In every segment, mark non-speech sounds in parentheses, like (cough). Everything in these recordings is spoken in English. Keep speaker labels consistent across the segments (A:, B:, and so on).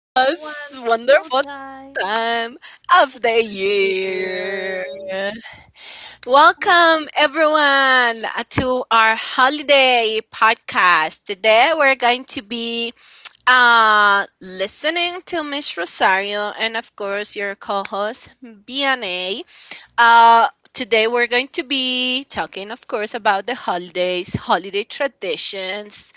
A: wonderful
B: wonderful time
A: time of the
B: of
A: year.
B: year.
A: Welcome, everyone, to our holiday podcast. Today, we're going to be listening to Miss Rosario and, of course, your co host, BNA. Uh, Today we're going to be talking, of course, about the holidays, holiday traditions,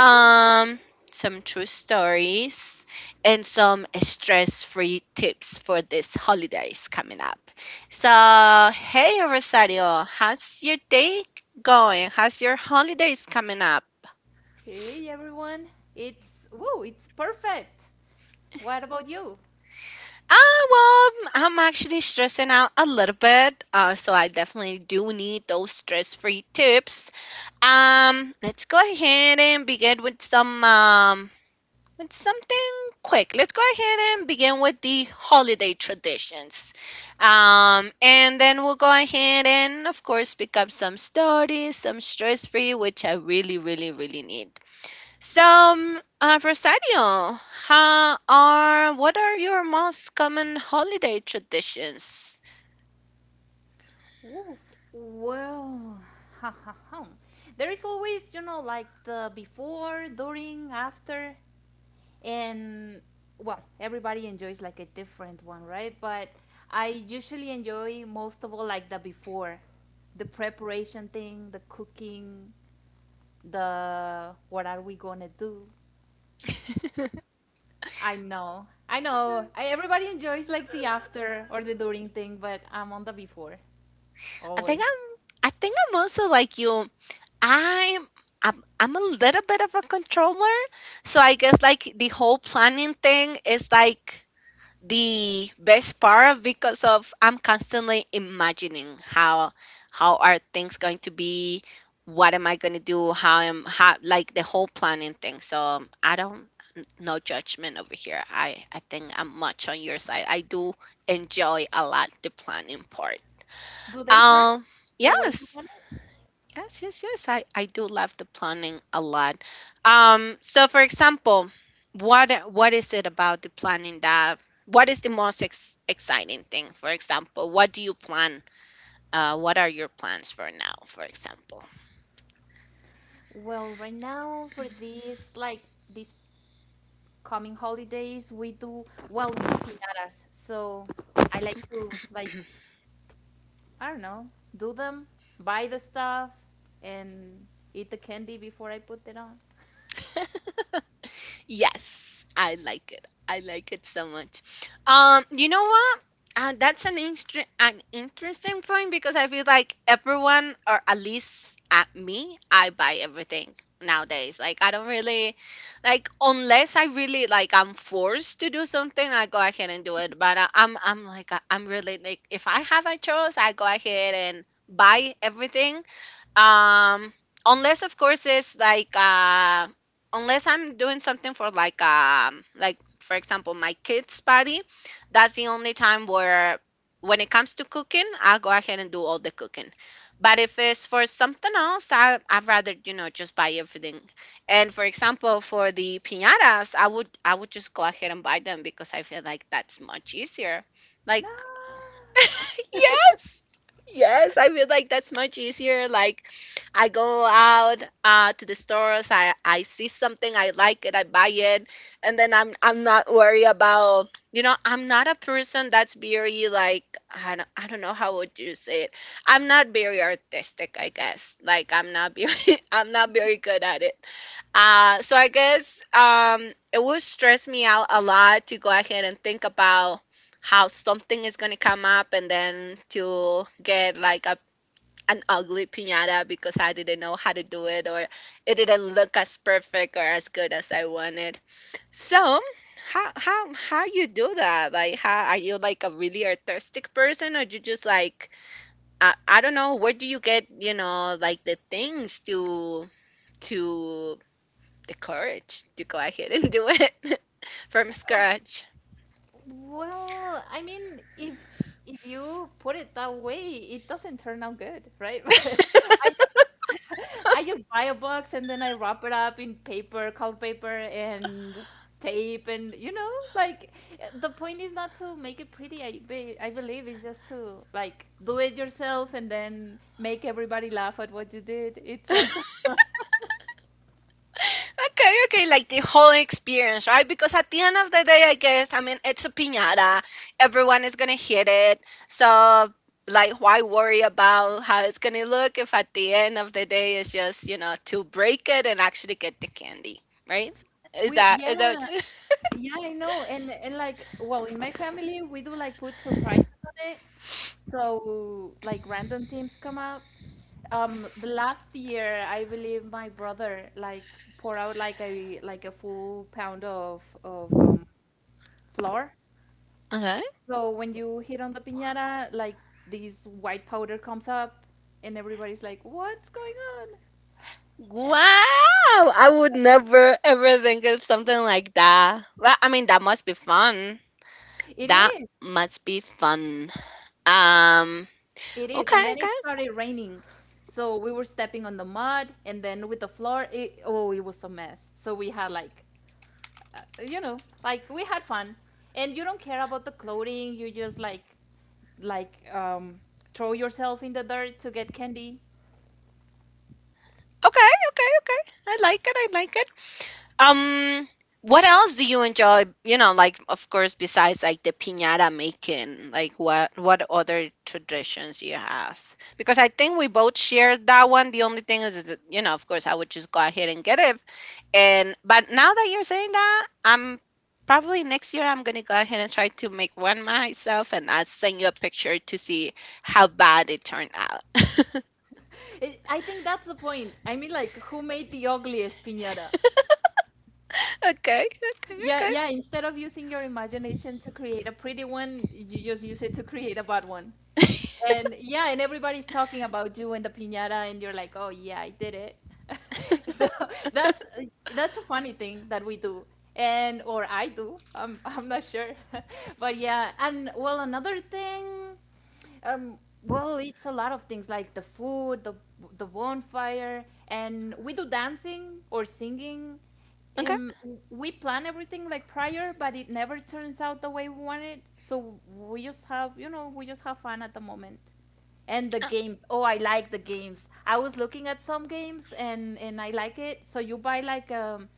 B: Ooh.
A: some true stories, and some stress-free tips for these holidays coming up. So, hey Rosario, how's your day going? How's your holidays coming up?
B: Hey everyone, it's woo, it's perfect. What about you?
A: Ah, well, I'm actually stressing out a little bit, so I definitely do need those stress-free tips. Let's go ahead and begin with some with something quick. Let's go ahead and begin with the holiday traditions. And then we'll go ahead and of course pick up some stories, some stress free, which I really, really, really need. So, Rosario, how are what are your most common holiday traditions?
B: Woof. Well, (laughs) there is always, like the before, during, after. And, well, everybody enjoys like a different one, right? But I usually enjoy most of all like the before, the preparation thing, the cooking, the what are we gonna do. I know, everybody enjoys like the after or the during thing, but I'm on the before,
A: I think
B: always.
A: I'm I think I'm also like you. I'm I'm a little bit of a controller, so I guess like the whole planning thing is like the best part because of I'm constantly imagining how are things going to be, what am I going to do, how am how like the whole planning thing. So, I don't no judgment over here. I think I'm much on your side. I do enjoy a lot the planning part.
B: Do they turn
A: Um
B: the way you
A: yes,
B: want it?
A: Yes, yes, yes. I do love the planning a lot. So for example, what is it about the planning that what is the most ex exciting thing? For example, what do you plan? What are your plans for now, for example?
B: Well, right now for this coming holidays, we do piñatas. So I like to, like, I don't know, do them, buy the stuff, and eat the candy before I put it on.
A: (laughs) Yes, I like it. I like it so much. You know what? That's an interesting point because I feel like everyone, or at least at me, I buy everything nowadays. Like I don't really, like unless I really like I'm forced to do something, I go ahead and do it. But I'm like I'm really like if I have a choice, I go ahead and buy everything, um, unless of course it's like, unless I'm doing something for like, like for example my kids' party, that's the only time where when it comes to cooking, I'll go ahead and do all the cooking. But if it's for something else, I'd rather just buy everything. And for example, for the piñatas, I would just go ahead and buy them because I feel like that's much easier. Like
B: No. (laughs)
A: (laughs) yes. Yes, I feel like that's much easier. Like I go out to the stores. I see something I like it. I buy it, and then I'm not worried about I'm not a person that's very like I don't know how would you say it. I'm not very artistic, I guess. Like I'm not very (laughs) I'm not very good at it. So I guess, it would stress me out a lot to go ahead and think about how something is going to come up and then to get like a an ugly piñata because I didn't know how to do it or it didn't look as perfect or as good as I wanted. So, how you do that? Like, how are you like a really artistic person or you just like I don't know, where do you get, you know, like the things to the courage to go ahead and do it (laughs) from scratch?
B: Well, I mean, if you put it that way, it doesn't turn out good, right? (laughs) I just (laughs) I just buy a box and then I wrap it up in paper, colored paper, and tape, and like, the point is not to make it pretty. I believe it's just to like do it yourself and then make everybody laugh at what you did. It's also. (laughs)
A: Okay, okay, like the whole experience, right? Because at the end of the day, I guess, I mean, it's a piñata. Everyone is gonna hit it. So, like, why worry about how it's gonna look if at the end of the day it's just, to break it and actually get the candy, right? Is
B: We
A: that, is that,
B: Yeah, yeah, I know. And like, well, in my family we do like put surprises on it. So like random teams come out. The last year I believe my brother like pour out like a full pound of flour.
A: (laughs) okay.
B: So when you hit on the piñata, like this white powder comes up and everybody's like, "What's going on?"
A: Wow,
B: And
A: I would
B: yeah,
A: never ever think of something like that. Well, I mean, that must be fun.
B: it
A: That
B: is.
A: must be fun. Um,
B: It is, and
A: okay,
B: then it
A: okay.
B: started raining. So we were stepping on the mud, and then with the floor, oh, it was a mess. So we had like, like, we had fun, and you don't care about the clothing. You just like, like, um, throw yourself in the dirt to get candy.
A: Okay, okay, okay. I like it. I like it. Um, what else do you enjoy? You know, like of course, besides like the piñata making, like what other traditions you have? Because I think we both shared that one. The only thing is that, you know, of course, I would just go ahead and get it. And but now that you're saying that, I'm probably next year I'm gonna go ahead and try to make one myself, and I'll send you a picture to see how bad it turned out. (laughs)
B: (laughs) I think that's the point. I mean, like, who made the ugliest piñata?
A: Okay, okay,
B: Yeah,
A: okay,
B: yeah. Instead of using your imagination to create a pretty one, you just use it to create a bad one. And yeah, and everybody's talking about you and the piñata, and you're like, oh yeah, I did it. (laughs) So that's that's a funny thing that we do, and or I do. I'm (laughs) I'm not sure, (laughs) but yeah. And, well, another thing, um, well, it's a lot of things like the food, the bonfire, and we do dancing or singing,
A: okay.
B: um, we plan everything like prior, but it never turns out the way we want it. So we just have, we just have fun at the moment. And the games. Oh, I like the games. I was looking at some games, and I like it. So you buy like, um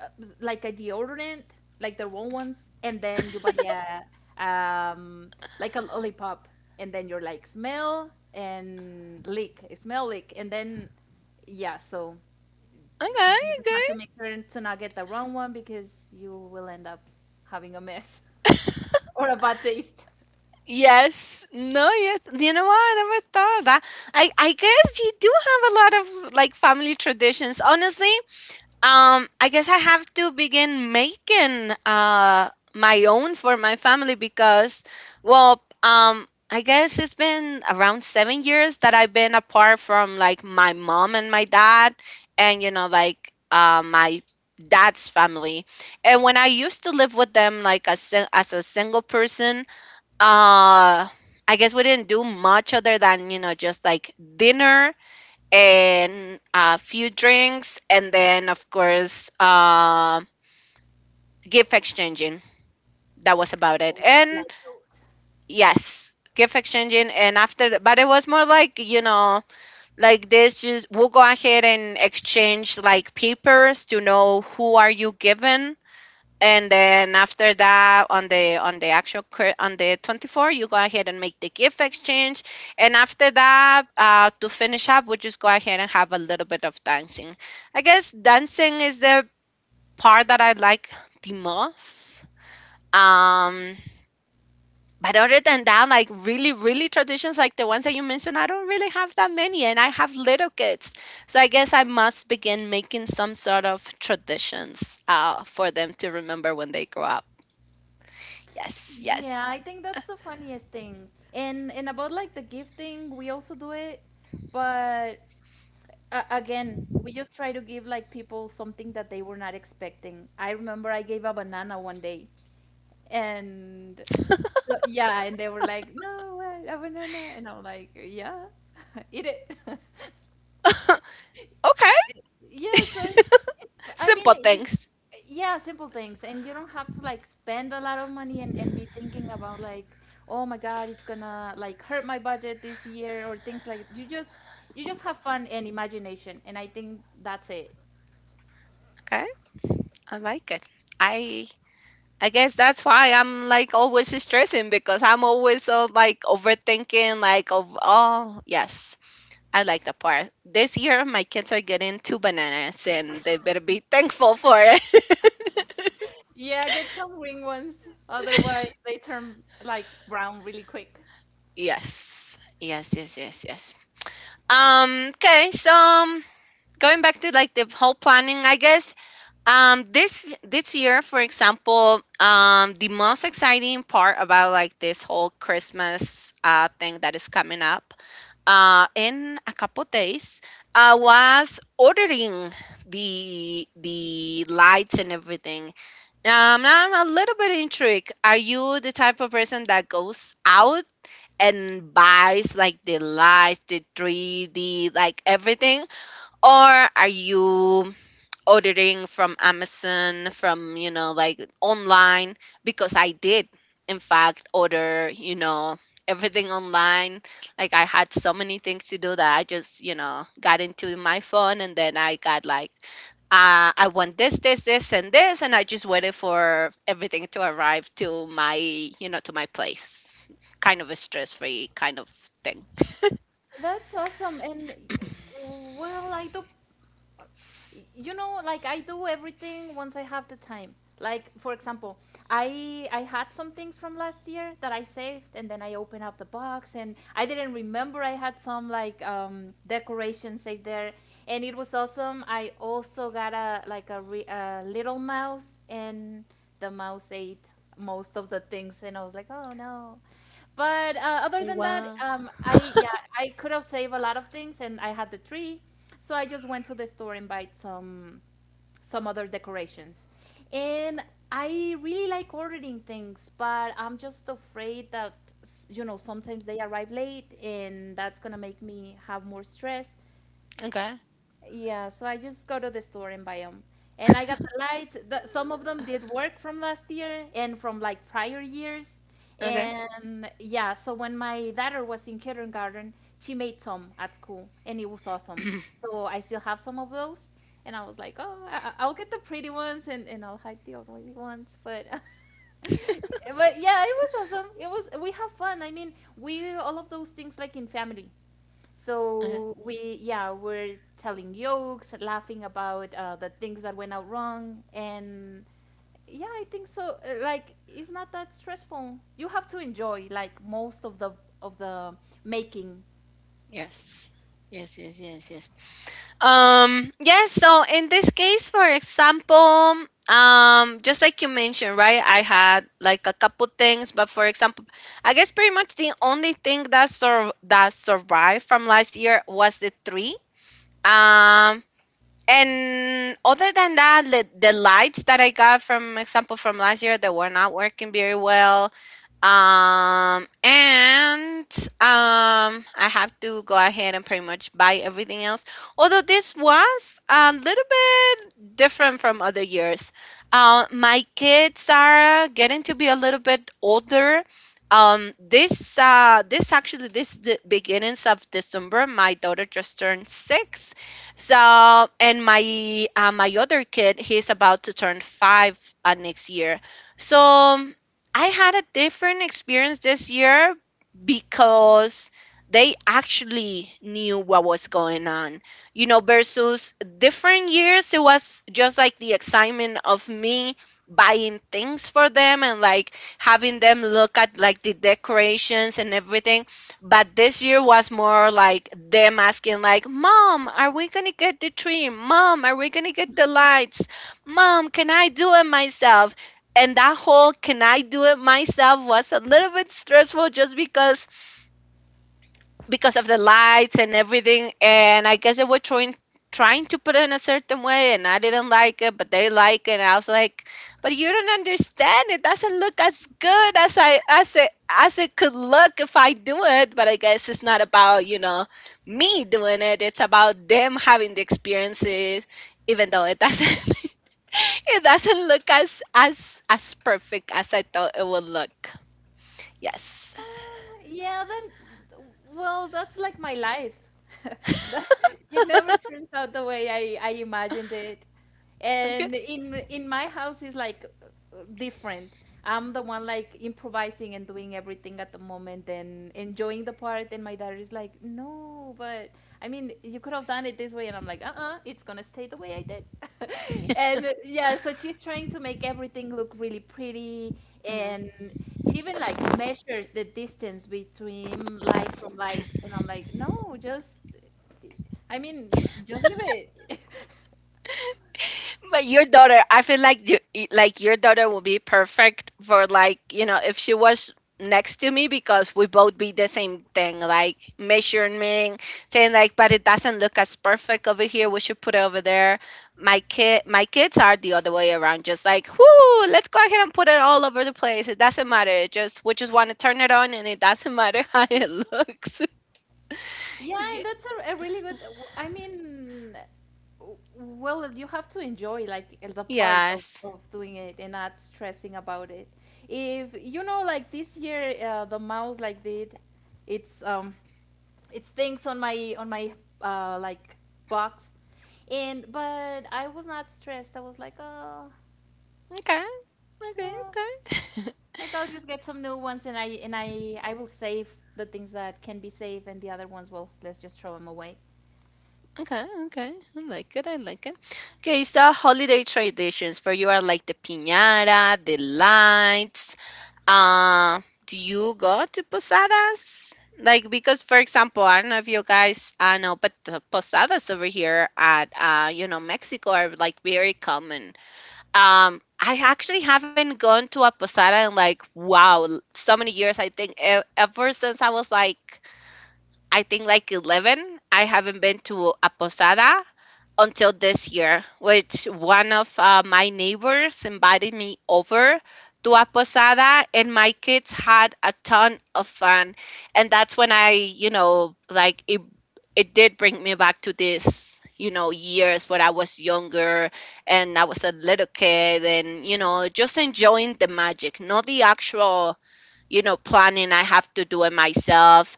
B: uh, s- like a deodorant, like the wrong ones, and then you buy a like a lollipop, and then you're like smell and lick, smell lick, and then yeah, so
A: Okay,
B: you just have
A: okay.
B: to make sure to not get the wrong one because you will end up having a mess (laughs) or a bad taste.
A: Yes. No, yes. You know what? I never thought of that. I guess you do have a lot of like family traditions. Honestly, I guess I have to begin making my own for my family because, well, I guess it's been around 7 years that I've been apart from like my mom and my dad, and you know like my dad's family. And when I used to live with them like as a single person, uh I guess we didn't do much other than, you know, just like dinner and a few drinks and then of course, gift exchanging. That was about it.
B: Oh, I
A: And
B: like those.
A: yes, gift exchanging and after that, but it was more like, you know, like this, just we'll go ahead and exchange like papers to know who are you given. And then after that, on the on the on the 24th you go ahead and make the gift exchange. And after that, to finish up, we just go ahead and have a little bit of dancing. I guess dancing is the part that I like the most. um but other than that, like really, really traditions like the ones that you mentioned, I don't really have that many, and I have little kids, so I guess I must begin making some sort of traditions, for them to remember when they grow up. Yes, yes.
B: Yeah, I think that's the funniest thing. And about like the gifting, we also do it, but again, we just try to give like people something that they were not expecting. I remember I gave a banana one day, and so yeah, and they were like, "No, what, a banana," and I'm like, "Yeah, (laughs) eat it." (laughs)
A: Okay,
B: Y- Yeah, so I
A: simple
B: mean,
A: things.
B: yeah, simple things, and you don't have to like spend a lot of money, and be thinking about like, oh my God, it's gonna like hurt my budget this year, or things like, you just have fun and imagination, and I think that's it.
A: Okay, I like it. I I guess that's why I'm like always stressing because I'm always so like overthinking like of, oh yes, I like the part, this year my kids are getting two bananas and they better be thankful for it.
B: Yeah, get some wing ones, otherwise they turn like brown really quick.
A: (laughs) Yes, yes, yes, yes, yes. Okay, so, going back to like the whole planning I guess, this year for example, the most exciting part about like this whole Christmas thing that is coming up in a couple days was ordering the lights and everything. I'm a little bit intrigued, are you the type of person that goes out and buys like the lights, the 3D, like everything, or are you ordering from Amazon, from, you know, like online, because I did, in fact, order, you know, everything online. Like I had so many things to do that I just, you know, got into my phone and then I got like, I want this, this, this, and this, and I just waited for everything to arrive to my, you know, to my place. Kind of a stress-free kind of thing.
B: That's awesome. And, well, I do you know like I do everything once I have the time. Like, for example, I had some things from last year that I saved, and then I opened up the box and I didn't remember I had some like, decorations saved there. And it was awesome. I also got a like a, re- a little mouse, and the mouse ate most of the things, and I was like, oh no. But other than that,
A: Wow.
B: I yeah, I could have saved a lot of things, and I had the tree. So I just went to the store and bought some other decorations. And I really like ordering things, but I'm just afraid that sometimes they arrive late and that's gonna make me have more stress.
A: Okay.
B: Yeah, so I just go to the store and buy them. And I got the lights. Some of them did work from last year and from like prior years.
A: Okay.
B: And yeah, so when my daughter was in kindergarten, she made some at school and it was awesome.
A: (clears throat)
B: So I still have some of those. And I was like, oh, I'll get the pretty ones, and, I'll hide the ugly ones. But (laughs) but yeah, it was awesome. It was, we have fun. I mean, we all of those things like in family.
A: Okay.
B: So, yeah, we're telling jokes, laughing about the things that went out wrong, and yeah, I think so. Like, it's not that stressful. You have to enjoy like most of the making.
A: Yes. Yes, yes, yes, yes. Yes, so in this case, for example, just like you mentioned, right? I had like a couple things, but for example, I guess pretty much the only thing that survived from last year was the tree. Um, and other than that, the lights that I got from example from last year, they were not working very well. And um I have to go ahead and pretty much buy everything else, although this was a little bit different from other years. My kids are getting to be a little bit older. This actually, this, the beginnings of December, my daughter just turned 6. So, and my other kid, he's about to turn 5, next year. So I had a different experience this year because they actually knew what was going on. You know, versus different years, it was just like the excitement of me buying things for them and like having them look at like the decorations and everything, but this year was more like them asking, like, Mom, are we gonna get the tree? Mom, are we gonna get the lights? Mom, can I do it myself? And that whole can I do it myself was a little bit stressful just because of the lights and everything. And I guess they were trying to put it in a certain way, and I didn't like it, but they like it. And I was like, but you don't understand. It doesn't look as good as I as it could look if I do it. But I guess it's not about me doing it. It's about them having the experiences, even though it doesn't. (laughs) It doesn't look as perfect as I thought it would look. Yes.
B: Yeah, that. Well, that's like my life. (laughs) That- It never turns out the way I imagined it.
A: Okay.
B: And in my house is like, different. I'm the one like improvising and doing everything at the moment and enjoying the part, and my daughter is like, no, but I mean, you could have done it this way, and I'm like, uh-uh, it's gonna stay the way I did. (laughs) And yeah, so she's trying to make everything look really pretty,
A: Mhm.
B: and she even like measures the distance between light from light, and I'm like, no, just, I mean, just leave it.
A: But your daughter, I feel like you, like your daughter would be perfect for like, you know, if she was next to me because we both be the same thing, like measuring, saying like, but it doesn't look as perfect over here. We should put it over there. My kids are the other way around, just like, whoo, let's go ahead and put it all over the place. It doesn't matter. It just we just want to turn it on, and it doesn't matter (laughs) how it
B: (laughs)
A: looks. (laughs)
B: Yeah,
A: Ye-
B: that's a really good. I mean, well, you have to enjoy like the part of,
A: yes.
B: of doing it and not stressing about it. If, like, this year, the mouse like did, it's um, it's things on my like box, and but I was not stressed. I was like, oh,
A: Okay. Okay.
B: yeah,
A: Okay. (laughs)
B: like, I'll just get some new ones, and I will save the things that can be saved, and the other ones, well, let's just throw them away.
A: Okay, okay. I like it. I like it. Okay, so holiday traditions for you are like the piñata, the lights. Do you go to posadas? Like, because for example, I don't know if you guys I know, but the posadas over here at you know, Mexico are like very common. I actually haven't gone to a posada in like wow, so many years. Ever since I was like I think like 11, I haven't been to a posada until this year, which one of my neighbors invited me over to a posada, and my kids had a ton of fun. And that's when I, you know, it did bring me back to this, you know, years when I was younger and I was a little kid, and, you know, just enjoying the magic, not the actual, you know, planning I have to do it myself.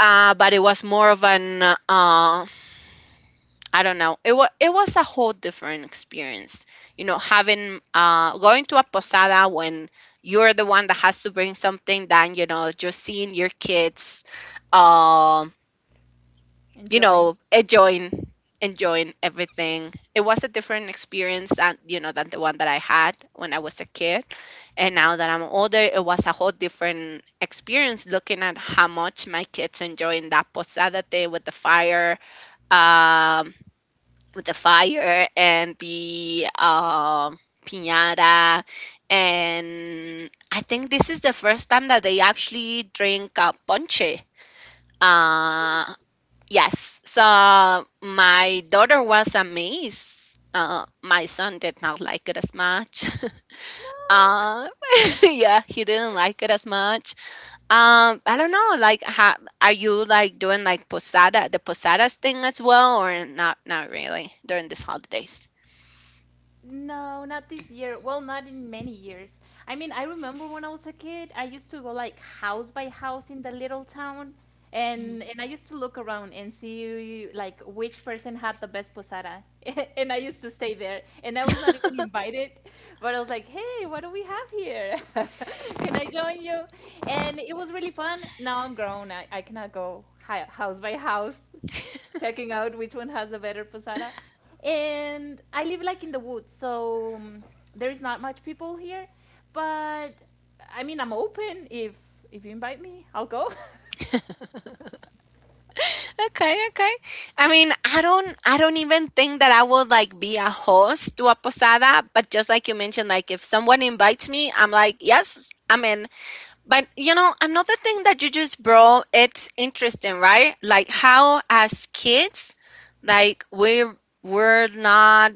A: But it was more of an, uh, I don't know. It was a whole different experience. You know, having going to a posada when you're the one that has to bring something than, you know, just seeing your kids um, you
B: Enjoy.
A: know, enjoying everything. It was a different experience than you know than the one that I had when I was a kid. And now that I'm older, it was a whole different experience looking at how much my kids enjoying that posada day um with the fire and the piñata, and I think this is the first time that they actually drink ponche. uh yes. So my daughter was amazed. My son did not like it as much. (laughs) uh, (laughs) yeah, he didn't like it as much. I don't know, like how, are you like doing like posada the posadas thing as well, or not not really during these holidays?
B: No, not this year. Well, not in many years. I mean, I remember when I was a kid, I used to go like house by house in the little town, and I used to look around and see like which person had the best posada, (laughs) and I used to stay there, and I was not even invited, but I was like, hey, what do we have here? (laughs) Can I join you? And it was really fun. Now I'm grown. I cannot go house by house checking out which one has a better posada. And I live like in the woods, so, there is not much people here. But I mean, I'm open. If you invite me, I'll go. (laughs)
A: Okay, okay. I mean, I don't even think that I would like be a host to a posada, but just like you mentioned, like if someone invites me, I'm like, yes, I'm in. But you know, another thing that you just brought, it's interesting, right? Like how as kids, like we we're, we're not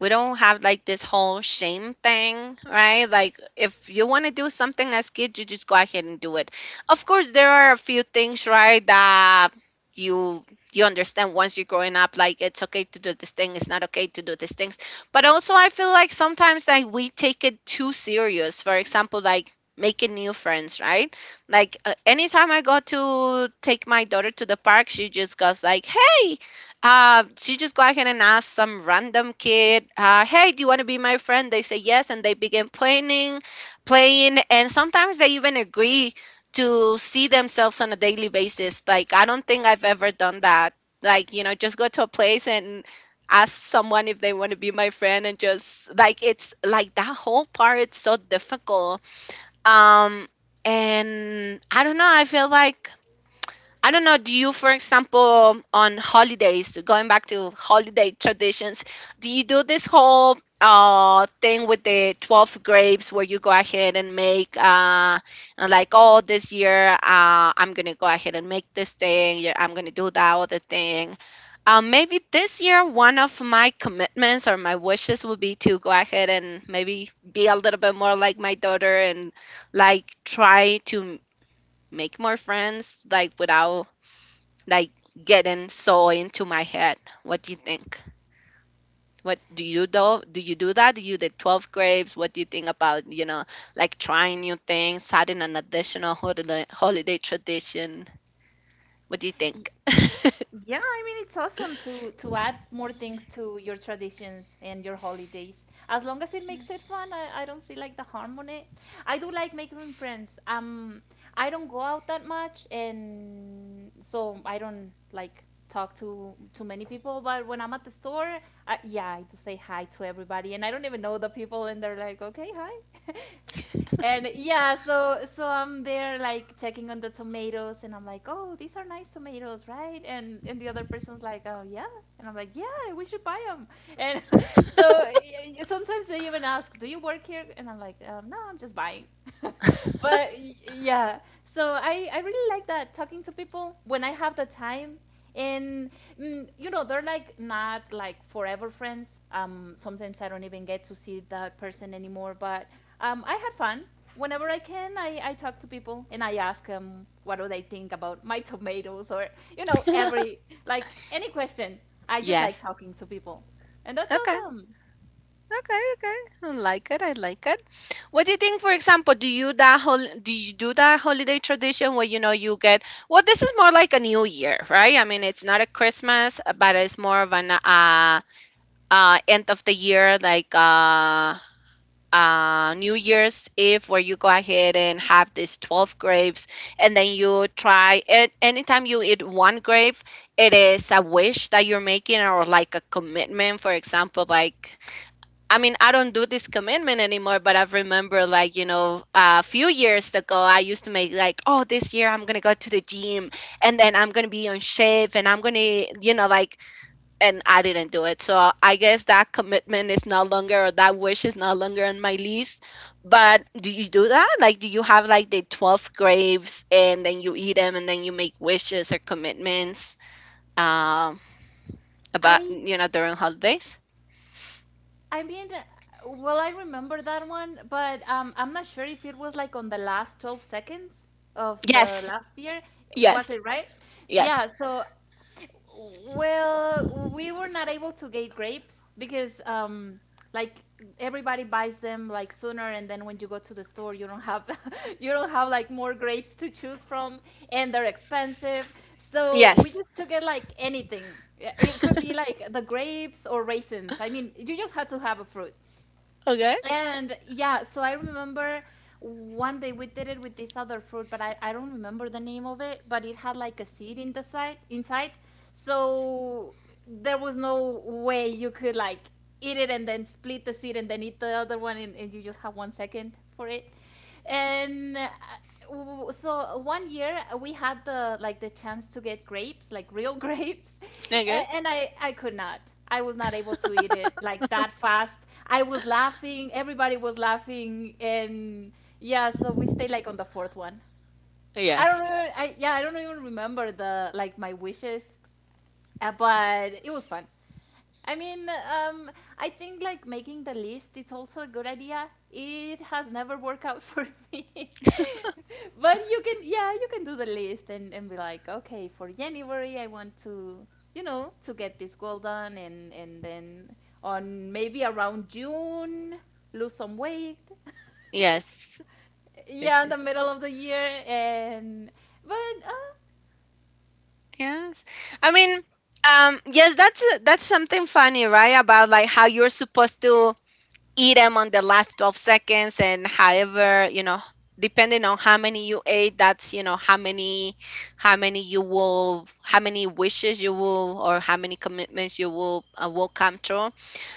A: we don't have like this whole shame thing, right? Like if you want to do something as kid, you just go ahead and do it. Of course, there are a few things, right, that you you understand once you're growing up, like it's okay to do this thing, it's not okay to do these things. But also I feel like sometimes like we take it too serious, for example, like making new friends, right? Like anytime I go to take my daughter to the park, she just goes like hey, she just go ahead and ask some random kid, "Hey, do you want to be my friend?" They say yes, and they begin playing, and sometimes they even agree to see themselves on a daily basis. Like I don't think I've ever done that. Like you know, just go to a place and ask someone if they want to be my friend, and just like it's like that whole part. It's so difficult. Um, and I don't know. Do you, for example, on holidays, going back to holiday traditions, do you do this whole thing with the 12 grapes where you go ahead and make and like, oh, this year I'm gonna go ahead and make this thing, yeah, I'm gonna do that other thing. Maybe this year one of my commitments or my wishes would be to go ahead and maybe be a little bit more like my daughter and like try to make more friends like without like getting so into my head. What do you think? What do you do? Do you do that? Do you did 12 grapes? What do you think about, you know, like trying new things, adding an additional holiday tradition? What do you
B: Y-
A: think?
B: Yeah, I mean, it's awesome to add more things to your traditions and your holidays. As long as it makes it fun, I don't see like the harm on it. I do like making friends. I don't go out that much, and so I don't like talk to too many people. But when I'm at the store, yeah, I do say hi to everybody, and I don't even know the people, and they're like, okay, hi. (laughs) And yeah, so I'm there like checking on the tomatoes, and I'm like, oh, these are nice tomatoes, right? And the other person's like, oh yeah, and I'm like, yeah, we should buy them. And (laughs) so sometimes they even ask, do you work here? And I'm like, no, I'm just buying. (laughs) So I really like that talking to people when I have the time and you know, they're like not like forever friends. Sometimes I don't even get to see that person anymore, but I had fun. Whenever I can, I talk to people and I ask them what do they think about my (laughs) tomatoes or you know, every, like, any question. I
A: (laughs)
B: just like
A: Yes.
B: talking to people and that's
A: Okay.
B: awesome.
A: Okay, okay. I like it. I like it. What do you think, for example, do you do that holiday tradition where you know you get, well, this is more like a new year, right? I mean, it's not a Christmas, but it's more of an end of the year, like new year's eve, where you go ahead and have these 12 grapes, and then you try it, anytime you eat one grape it is a wish that you're making, or like a commitment, for example, like I mean I don't do this commitment anymore, but I remember like, you know, a few years ago I used to make like, oh, this year I'm gonna go to the gym and then I'm gonna be on shape and I'm gonna, you know, like, and I didn't do it. So I guess that commitment is no longer, or that wish is no longer on my list. But do you do that? Like, do you have like the 12 grapes and then you eat them and then you make wishes or commitments um, about,
B: i
A: you know, during holidays?
B: I mean, well, I remember that one, but I'm not sure if it was like on the last 12 seconds of the
A: Yes,
B: last year. Was
A: yes,
B: it right?
A: yes,
B: Yeah, so well, we were not able to get grapes because like everybody buys them like sooner, and then when you go to the store you don't have (laughs) you don't have like more grapes to choose from, and they're expensive. So we
A: yes.
B: just took it like anything. Yeah, it could be like the grapes or raisins. I mean, you just had to have a fruit.
A: Okay,
B: And yeah, so I remember one day we did it with this other fruit, but I don't remember the name of it, but it had like a seed in the side, inside. So there was no way you could like eat it and then split the seed and then eat the other one, and you just have 1 second for it. and uh, so one year, we had the like the chance to get grapes, like real (laughs) grapes,
A: okay.
B: and I could not, I was not able to eat it like that fast. I was laughing, everybody was laughing, and yeah, so we stayed like on the fourth one. I don't
A: Yes,
B: know, I, yeah, I don't even remember the like my wishes. But it was fun. I mean, I think like making the list is also a good idea. It has never worked out (laughs) for me. (laughs) But you can, yeah, you can do the list and be like, okay, for January, I want to, you know, to get this goal done. And then on maybe around June, lose some weight. (laughs)
A: yes,
B: Yeah,
A: yes,
B: in the middle of the year. And, but uh,
A: yes. I mean, yes, that's something funny, right? About like how you're supposed to eat them on the last 12 seconds, and however you know depending on how many you ate, that's you know how many, how many you will how many wishes you will or how many commitments you will come true.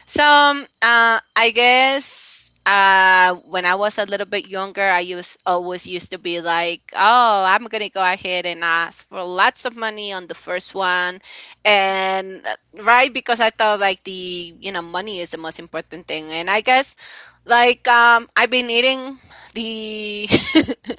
A: So I guess when I was a little bit younger, I used always used to be like, "Oh, I'm gonna go ahead and ask for lots of money on the first one," and right, because I thought like the you know money is the most important thing, and I guess like I've been eating the (laughs)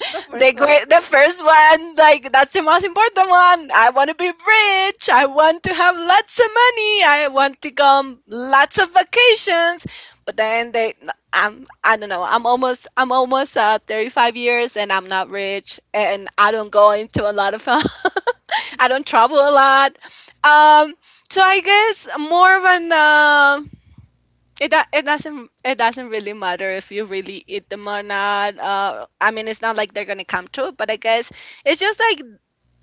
B: the first one.
A: the first one, like that's the most important one. I want to be rich. I want to have lots of money. I want to come lots of vacations. But then they, I'm, I don't know. I'm almost 35 years, and I'm not rich, and I don't go into a lot of, (laughs) I don't travel a lot. Um, so I guess more of an. It doesn't really matter if you really eat them or not. I mean, it's not like they're gonna come to it, but I guess it's just like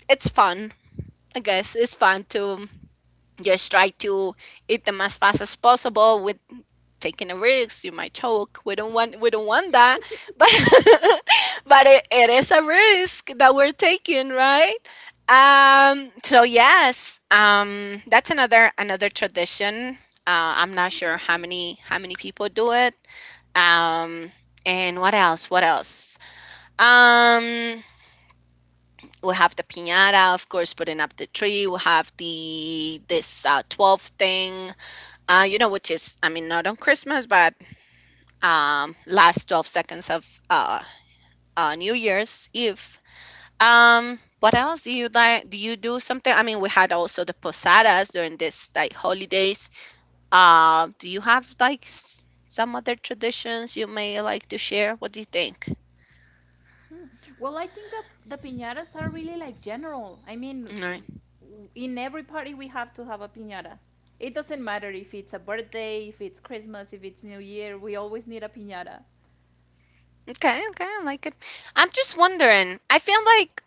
A: it's fun. I guess it's fun to just try to eat them as fast as possible with taking a risk. You might choke. We don't want that, (laughs) but but it is a risk that we're taking, right? So yes. That's another tradition. I'm not sure how many people do it, um, and what else? What else? Um, we have the piñata, of course, putting up the tree. We have the this 12 thing, you know, which is, I mean, not on Christmas, but last 12 seconds of New Year's Eve. What else do you like? Do you do something? I mean, we had also the posadas during this like holidays. Do you have like some other traditions you may like to share? What do you think?
B: Hmm. Well, I think the piñatas are really like general. I mean,
A: All right.
B: in every party we have to have a piñata. It doesn't matter if it's a birthday, if it's Christmas, if it's New Year, we always need a piñata.
A: Okay, okay, I like it. I'm just wondering. I feel like,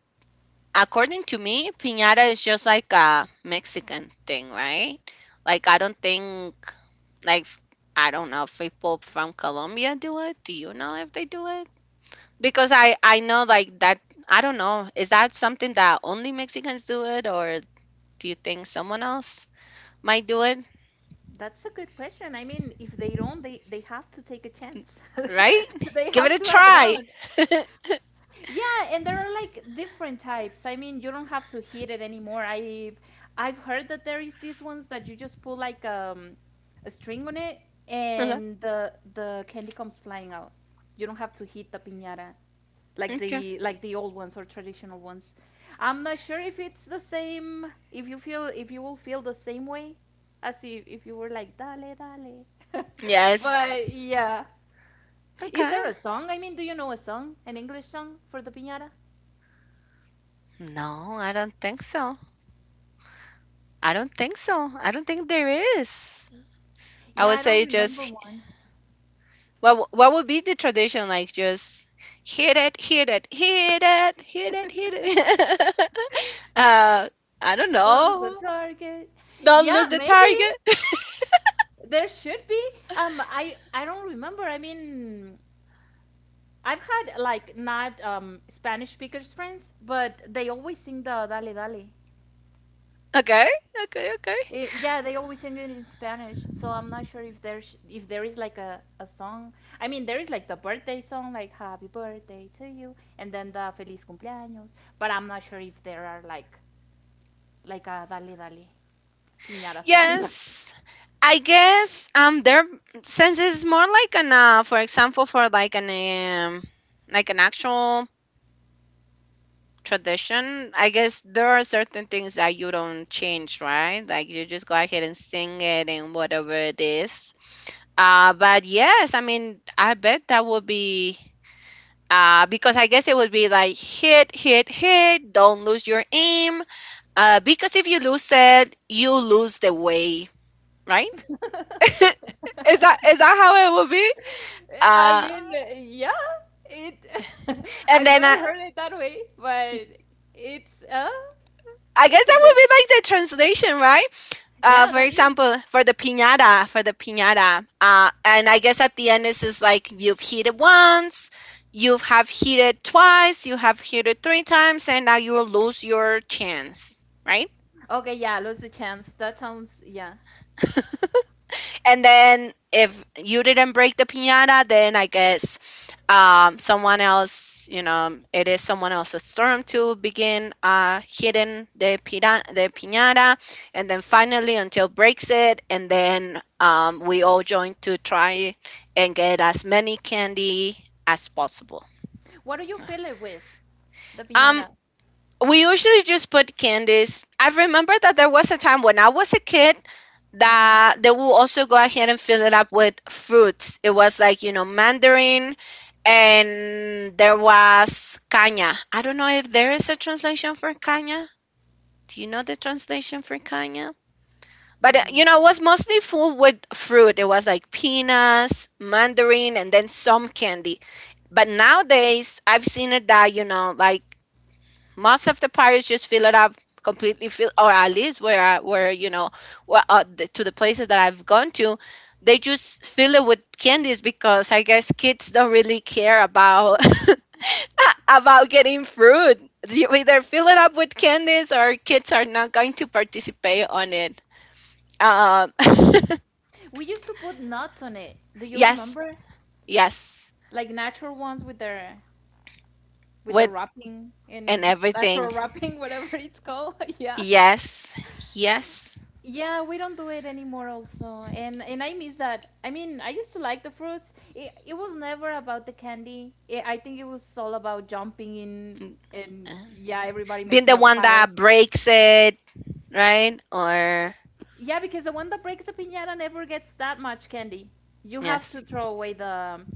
A: according to me, piñata is just like a Mexican thing, right? Like, I don't think, like, f- I don't know if people from Colombia do it. Do you know if they do it? Because I know, like, that, I don't know. Is that something that only Mexicans do it, or do you think someone else might do it,
B: That's a good question. I mean, if they don't, they have to take a chance.
A: right?
B: (laughs) They
A: (laughs) Give it
B: have
A: a
B: to add it
A: try.
B: on.
A: (laughs)
B: Yeah, and there are like different types. I mean, you don't have to heat it anymore. I've heard that there is these ones that you just pull like a string on it,
A: Okay.
B: and the candy comes flying out. You don't have to heat the piñata, like
A: Okay.
B: the old ones or traditional ones. I'm not sure if it's the same. If you will feel the same way, as if you were like dale dale, (laughs)
A: Yes.
B: but yeah. Is
A: Okay.
B: there a song? I mean, do you know a song, an English song for the piñata?
A: No, I don't think so. I don't think so. I don't think there is. I
B: Yeah,
A: would
B: I don't
A: say
B: remember
A: just
B: one.
A: what would be the tradition like, just hit it, hit it, hit it, hit it, hit it.
B: (laughs)
A: (laughs) uh, I don't
B: Don't lose the
A: know.
B: target.
A: Don't
B: Yeah,
A: lose the
B: maybe
A: target.
B: there should be. I don't remember. I mean, I've had like not Spanish speakers friends, but they always sing the Dale Dale.
A: (laughs) Okay, okay, okay.
B: Yeah, they always sing it in Spanish, so I'm not sure if there's if there is like a song. I mean, there is like the birthday song, like "Happy Birthday to You," and then the "Feliz Cumpleaños," but I'm not sure if there are like a "Dale Dale" piñata song.
A: Yes, I guess there since it's more like an for example for um like an actual tradition, I guess there are certain things that you don't change, right? Like, you just go ahead and sing it and whatever it is. But yes, I mean, I bet that would be because I guess it would be like hit, hit, hit, don't lose your aim. Because if you lose it, you lose the way, right? (laughs) is that is that how it would be?
B: (laughs) I
A: uh
B: mean, yeah, it. (laughs)
A: and
B: I've
A: then
B: never
A: i
B: heard it that way, but it's uh,
A: i guess
B: it's a
A: that
B: good.
A: would be like the translation, right?
B: Yeah,
A: For
B: that is.
A: example, for the piñata, and I guess at the end it's just like you've hit it once, you have hit it twice, you have hit it three times, and now you will lose your chance, right?
B: Okay, yeah, lose the chance. That sounds, yeah.
A: And then if you didn't break the piñata, then I guess someone else, you know, it is someone else's turn to begin hitting the piñata. And then finally, until breaks it, and then we all join to try and get as many candy as possible.
B: What do you fill it with? The
A: Um,
B: piñata.
A: we usually just put candies. I remember that there was a time when I was a kid
B: Mhm.
A: that they will also go ahead and fill it up with fruits. It was like, you know, mandarin and there was caña. I don't know if there is a translation for caña. Do you know the translation for caña? But you
B: Mm.
A: know, it was mostly full with fruit. It was like peanuts, mandarin, and then some candy. But nowadays, I've seen it that, you know, like most of the parties just fill it up completely fill, or at least where where you know where, to the places that I've gone to, they just fill it with candies because I guess kids don't really care about (laughs) about getting fruit. You either fill it up with candies or kids are not going to participate on it. um,
B: We used to put nuts on it. Do
A: (laughs)
B: you
A: yes,
B: remember?
A: yes.
B: Like natural ones with the
A: With
B: wrapping
A: and
B: and
A: everything.
B: natural wrapping, (laughs) whatever it's called. (laughs) Yeah.
A: Yes, yes.
B: Yeah, we don't do it anymore also. And I miss that. I mean, I used to like the fruits. It was never about the candy. I think it was all about jumping in
A: Mm, uh,
B: and yeah, everybody
A: being
B: making
A: the
B: a
A: one
B: pile.
A: that breaks it, right? Or
B: Yeah, because the one that breaks the piñata never gets that much candy. You have to
A: yes,
B: throw away the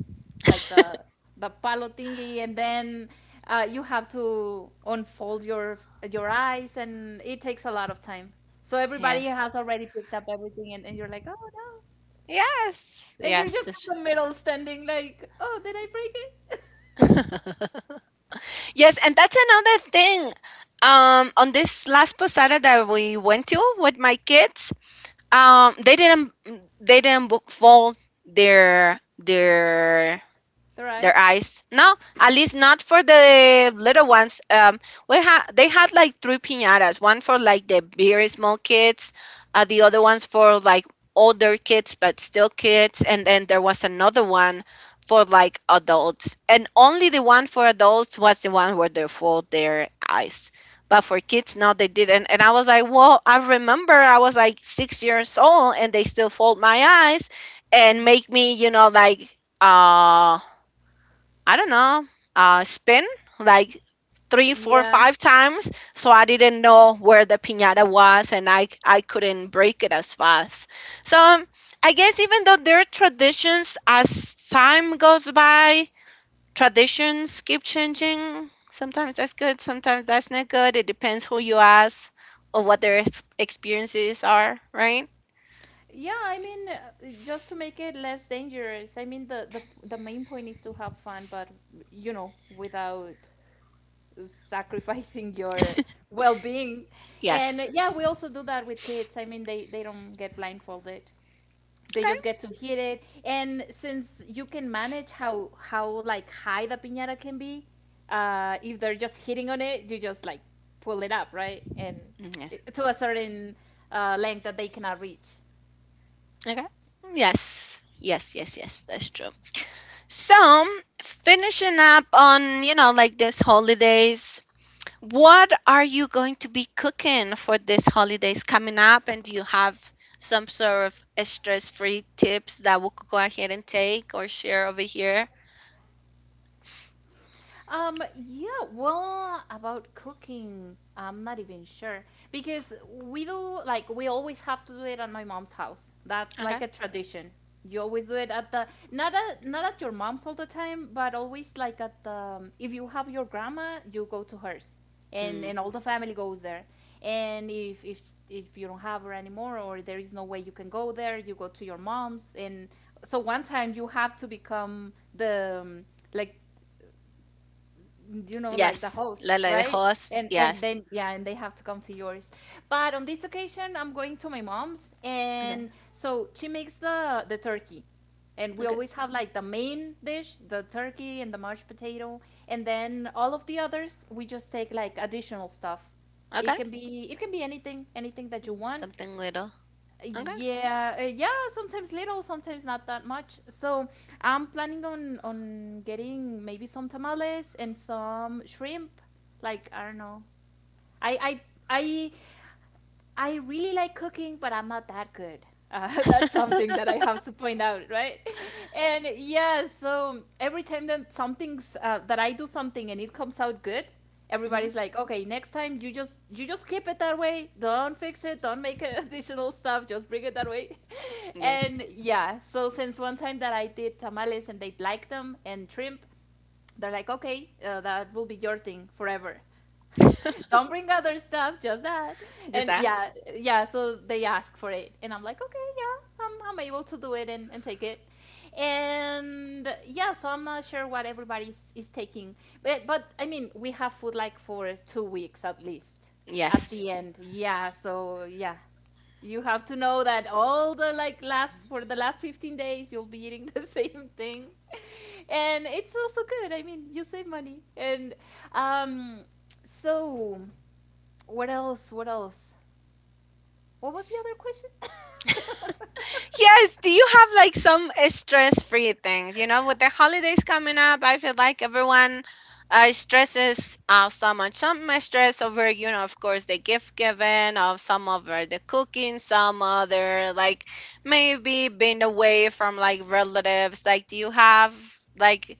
B: like the the palo thingy, and then you have to unfold your eyes, and it takes a lot of time. So everybody
A: yes,
B: has already picked up everything, and you're like, oh no,
A: yes,
B: and you're
A: yes,
B: just
A: that's-
B: in the middle standing like, oh, did I break it?
A: yes. And that's another thing. On this last posada that we went to with my kids, um, they didn't they didn't book fall their their
B: (laughs) The eyes?
A: their eyes. No, at least not for the little ones. We had they had like three piñatas. One for like the very small kids, the other ones for like older kids but still kids, and then there was another one for like adults. And only the one for adults was the one where they fold their eyes. But for kids, no, they didn't. And I was like, well, I remember I was like 6 years old and they still fold my eyes and make me, you know, like, um I don't know, spin like three, four,
B: Yeah.
A: five times. So I didn't know where the piñata was, and I couldn't break it as fast. So I guess even though their traditions, as time goes by, traditions keep changing. Sometimes that's good, sometimes that's not good. It depends who you ask or what their experiences are, right?
B: Yeah, I mean, just to make it less dangerous. I mean, the main point is to have fun, but you know, without sacrificing (laughs) your well-being. And
A: Yes.
B: yeah, we also do that with kids. I mean, they don't get blindfolded. They just get to
A: Okay.
B: hit it. And since you can manage how like high the piñata can be, if they're just hitting on it, you just like pull it up, right? And
A: Mm, yes.
B: it, to a certain length that they cannot reach.
A: Okay. Yes. Yes, yes, yes. That's true. So, finishing up on, you know, like this holidays, what are you going to be cooking for this holidays coming up? And do you have some sort of stress-free tips that we could go ahead and take or share over here?
B: Yeah, well, about cooking, I'm not even sure because we do like we always have to do it at my mom's house. That's
A: Okay.
B: like a tradition. You always do it at the not at your mom's all the time, but always like at the if you have your grandma, you go to hers,
A: Mm,
B: and all the family goes there. And if you don't have her anymore or there is no way you can go there, you go to your mom's. And so one time you have to become the like you know, like the
A: yes.
B: host,
A: Like the
B: right?
A: host.
B: And
A: Yes.
B: then yeah, and they have to come to yours. But on this occasion I'm going to my mom's,
A: Okay.
B: and so she makes the turkey, and we
A: Okay.
B: always have like the main dish, the turkey and the mashed potato, and then all of the others we just take like additional stuff.
A: Okay.
B: It can be, anything, anything that you
A: Mm,
B: want.
A: something little. Okay.
B: Yeah, yeah, sometimes little, sometimes not that much. So I'm planning on getting maybe some tamales and some shrimp, like I don't know, I I I I really like cooking, but I'm not that good. (laughs) That's something that I have to point out, right? (laughs) And yeah, so every time that something's that I do something and it comes out good,
A: Hmm.
B: everybody's like, "Okay, next time you just keep it that way. Don't fix it. Don't make (laughs) additional stuff. Just bring it that way." (laughs)
A: Yes.
B: And yeah, so since one time that I did tamales and they liked them and shrimp, they're like, "Okay, that will be your thing forever." Don't bring other stuff, just that.
A: Just
B: And
A: that?
B: yeah, yeah, so they ask for it. And I'm like, okay, yeah, I'm able to do it and take it. And yeah, so I'm not sure what everybody is taking. But I mean, we have food like for 2 weeks at least at
A: Yes.
B: the end. Yeah, so yeah. You have to know that all the like last for the last 15 days you'll be eating (laughs) the same thing. (laughs) And it's also good. I mean, you save money. And um, so, what else? What else? What was the other question?
A: Yes, do you have like some stress free things? You know, with the holidays coming up, I feel like everyone stresses so much. Some may stress over, you know, of course, the gift given, of some over the cooking, some other like maybe being away from like relatives. Like, do you have like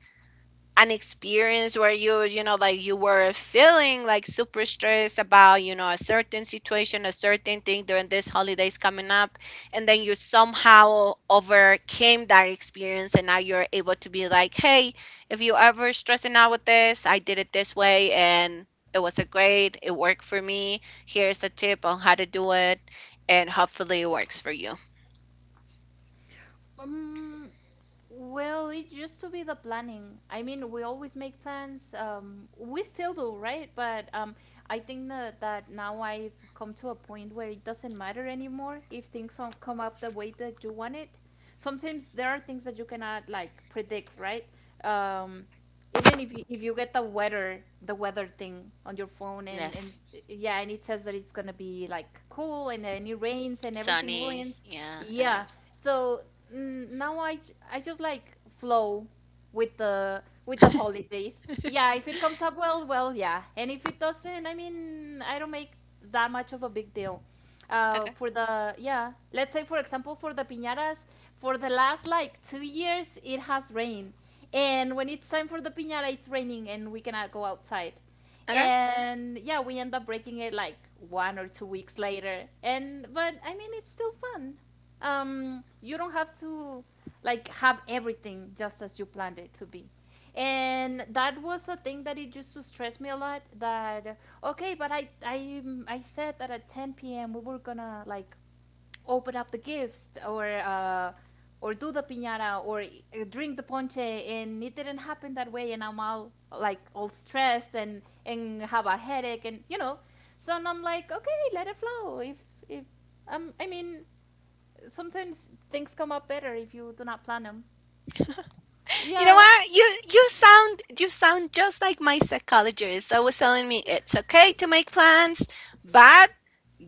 A: an experience where you know like you were feeling like super stressed about you know a certain situation, a certain thing, during this holidays coming up, and then you somehow overcame that experience, and now you're able to be like, hey, if you ever stressing out with this, I did it this way, and it was a great, it worked for me, here's a tip on how to do it, and hopefully it works for you.
B: (laughs) um, Well, it used to be the planning. I mean, we always make plans. We still do, right? But I think that, now I've come to a point where it doesn't matter anymore if things don't come up the way that you want it. Sometimes there are things that you cannot like predict, right? Um, even if you get the weather thing on your phone, and
A: Yes.
B: yeah, and it says that it's gonna be like cool and then it rains and everything
A: Sunny,
B: ruins.
A: yeah, and then
B: Yeah. So now I just like flow with the holidays. Yeah, if it comes up well, well, yeah. And if it doesn't, I mean, I don't make that much of a big deal.
A: okay.
B: For the, yeah, let's say for example for the piñatas, for the last like 2 years it has rained, and when it's time for the piñata, it's raining and we cannot go outside.
A: Okay.
B: And yeah, we end up breaking it like 1 or 2 weeks later. And but I mean, it's still fun. You don't have to like have everything just as you planned it to be. And that was a thing that it used to stress me a lot. That okay, but I said that at 10 p.m. we were gonna like open up the gifts, or do the piñata, or drink the ponche, and it didn't happen that way, and I'm all like all stressed and have a headache, and you know. So and I'm like, okay, let it flow. If I mean sometimes things come up better if you do not plan them.
A: You know
B: Yeah.
A: what? You sound just like my psychologist. I was telling me it's okay to make
B: (laughs)
A: plans, but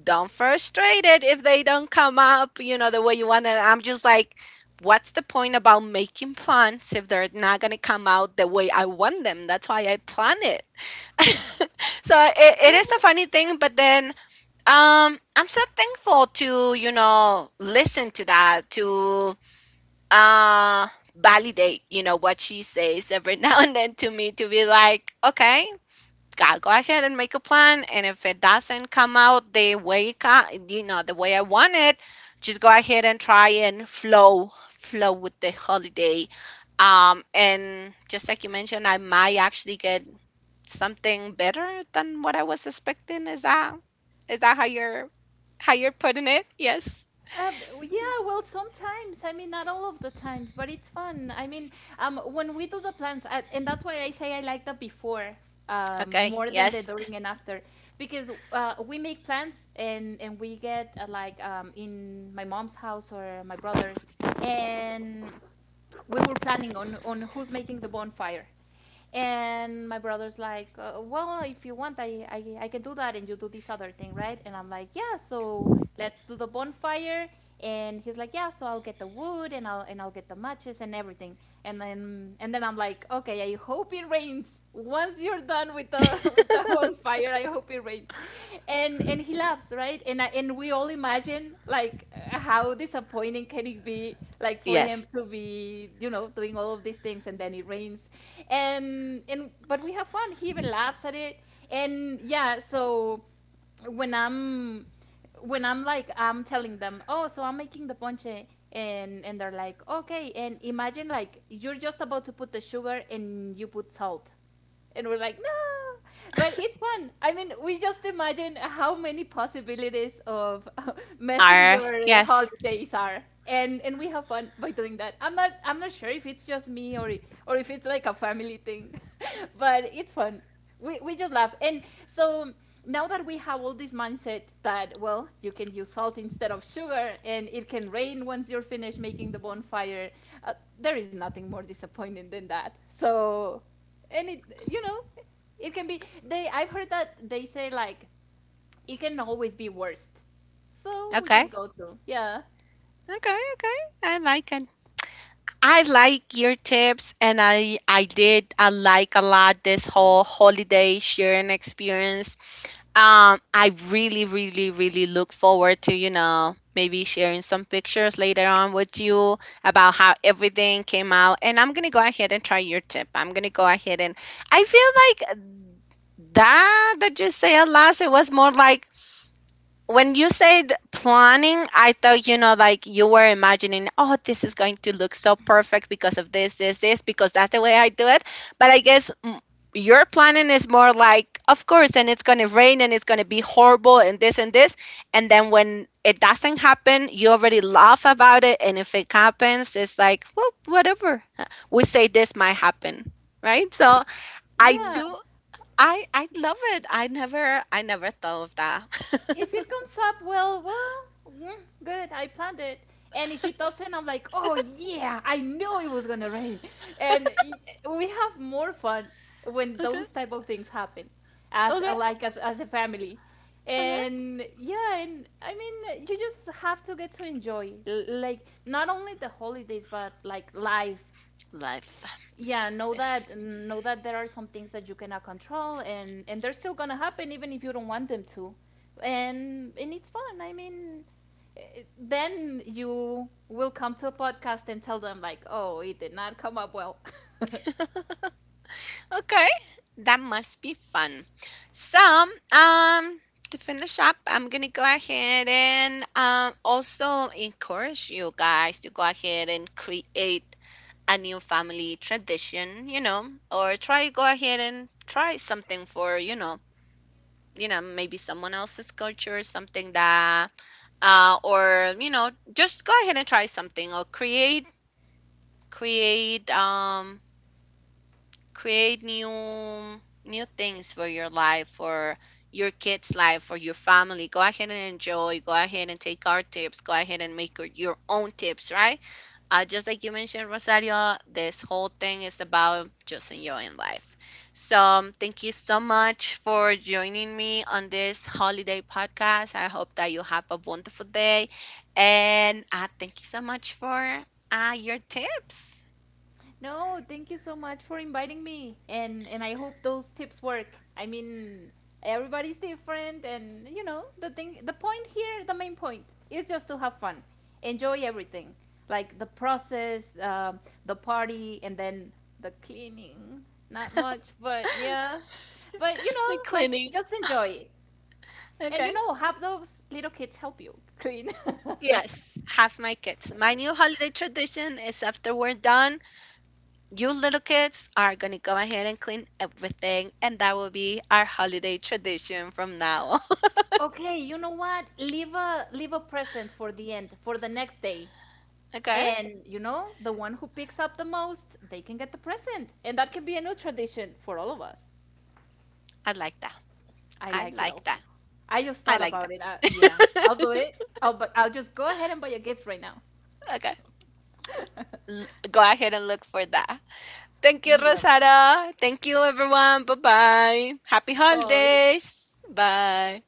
A: don't frustrate it if they don't come up, you know, the way you want it. I'm just like, what's the point about making plans if they're not gonna come out the way I want them? That's why I plan it. (laughs) So it is a
B: Well,
A: funny thing, but then I'm so thankful to, you know, listen to that, to uh validate you know what she says every (laughs) now and then, to me, to be like okay, go ahead and make a plan, and if it doesn't come out the way you know the way I want it, just go ahead and try and flow with the holiday. And just like you mentioned, I might actually get something better than what I was expecting. Is that how you're putting it? Yes.
B: yeah, well, sometimes. I mean, not all of the times, but it's fun. I mean, when we do the plans, and that's why I say I like the before,
A: Okay.
B: more than the
A: Yes.
B: during and after, because we make plans and we get like in my mom's house or my brother's, and we were planning on who's making the bonfire. And my brother's like, well, if you want, I can do that and you do this other thing, right? And I'm like, yeah, so let's do the bonfire. And he's like, yeah, so I'll get the wood and I'll get the matches and everything. And then I'm like, okay, I hope it rains. Once you're done with the, (laughs) with the bonfire, I hope it rains. And he laughs, right? And we all imagine like how disappointing can it be, like for him
A: Yes.
B: to be, you know, doing all of these things and then it rains. And but we have fun. He even laughs at it, and yeah. So when I'm when I'm like I'm telling them, oh, so I'm making the ponche, and they're like, okay, and imagine like you're just about to put the sugar and you put salt, and we're like no. But it's fun, I mean, we just imagine how many possibilities of (laughs) messing
A: Are.
B: your
A: Yes.
B: holidays are. And we have fun by doing that. I'm not sure if it's just me, or if it's like a family thing. (laughs) But it's fun. We just laugh. And so, now that we have all this mindset that well, you can use salt instead of sugar and it can rain once you're finished making the bonfire, uh, there is nothing more disappointing than that. So, and, it, it can be, they, I've heard that they say like it can always be worst. So we
A: Okay.
B: just go to, yeah.
A: Okay, okay. I like it. I like your tips and I did, I like a lot this whole holiday sharing experience. I really, really, really look forward to, you know, maybe sharing some pictures later on with you about how everything came out, and I'm going to go ahead and try your tip. I'm going to go ahead and I feel like that you said last, it was more like when you said planning, I thought, you know, like you were imagining, oh, this is going to look so perfect because of this, this, this, because that's the way I do it. But I guess, your planning is more like, of course, and it's going to rain and it's going to be horrible and this and this. And then when it doesn't happen, you already laugh about it. And if it happens, it's like, well, whatever. We say this might happen, right? So I
B: Yeah,
A: do. I love it. I never thought of that.
B: if
A: (laughs)
B: it comes up, well, good. I planned it. And if it doesn't, I'm like, oh yeah, I knew it was gonna rain. And y- we have more fun when
A: Okay.
B: those type of things happen, as
A: Okay,
B: like as a family.
A: okay.
B: And yeah, and I mean, you just have to get to enjoy, like not only the holidays, but like life.
A: Life.
B: Yeah, know
A: Yes.
B: that know that there are some things that you cannot control and they're still gonna happen even if you don't want them to. And it's fun, I mean, then you will come to a podcast and tell them like, oh, it did not come up well. (laughs)
A: Okay, that must be fun. So, um, to finish up, I'm gonna go ahead and also encourage you guys to go ahead and create a new family tradition, you know, or try go ahead and try something for, you know, maybe someone else's culture, something that or you know, just go ahead and try something, or create um create new things for your life, for your kids' life, for your family. Go ahead and enjoy. Go ahead and take our tips. Go ahead and make your own tips, right? Just like you mentioned, Rosario, this whole thing is about just enjoying life. So thank you so much for joining me on this holiday podcast. I hope that you have a wonderful day, and thank you so much for your tips.
B: No, thank you so much for inviting me. And I hope those tips work. I mean, everybody's different, and you know, the point here, the main point is just to have fun. Enjoy everything. Like the process, the party, and then the cleaning. Not much, but yeah. But you know,
A: The
B: like
A: cleaning.
B: just enjoy. And you
A: Okay.
B: know, have those little kids help you clean. (laughs)
A: Yes, half my kids. My new holiday tradition is after we're done, you little kids are gonna go ahead and clean everything, and that will be our holiday tradition from now on. (laughs)
B: Okay, you know what? Leave a present for the end, for the next day.
A: Okay?
B: And you know, the one who picks up the most, they can get the present. And that can be a new tradition for all of us.
A: I like that.
B: I
A: I
B: like it
A: like
B: also.
A: that.
B: I just
A: I
B: thought
A: like that.
B: about it. Yeah, I'll do it. I'll just go ahead and buy a gift right now.
A: (laughs) Okay.
B: (laughs)
A: Go ahead and look for that. Thank you,
B: Yeah,
A: Rosada. Thank you, everyone. Bye bye. Happy
B: boy.
A: holidays. Bye.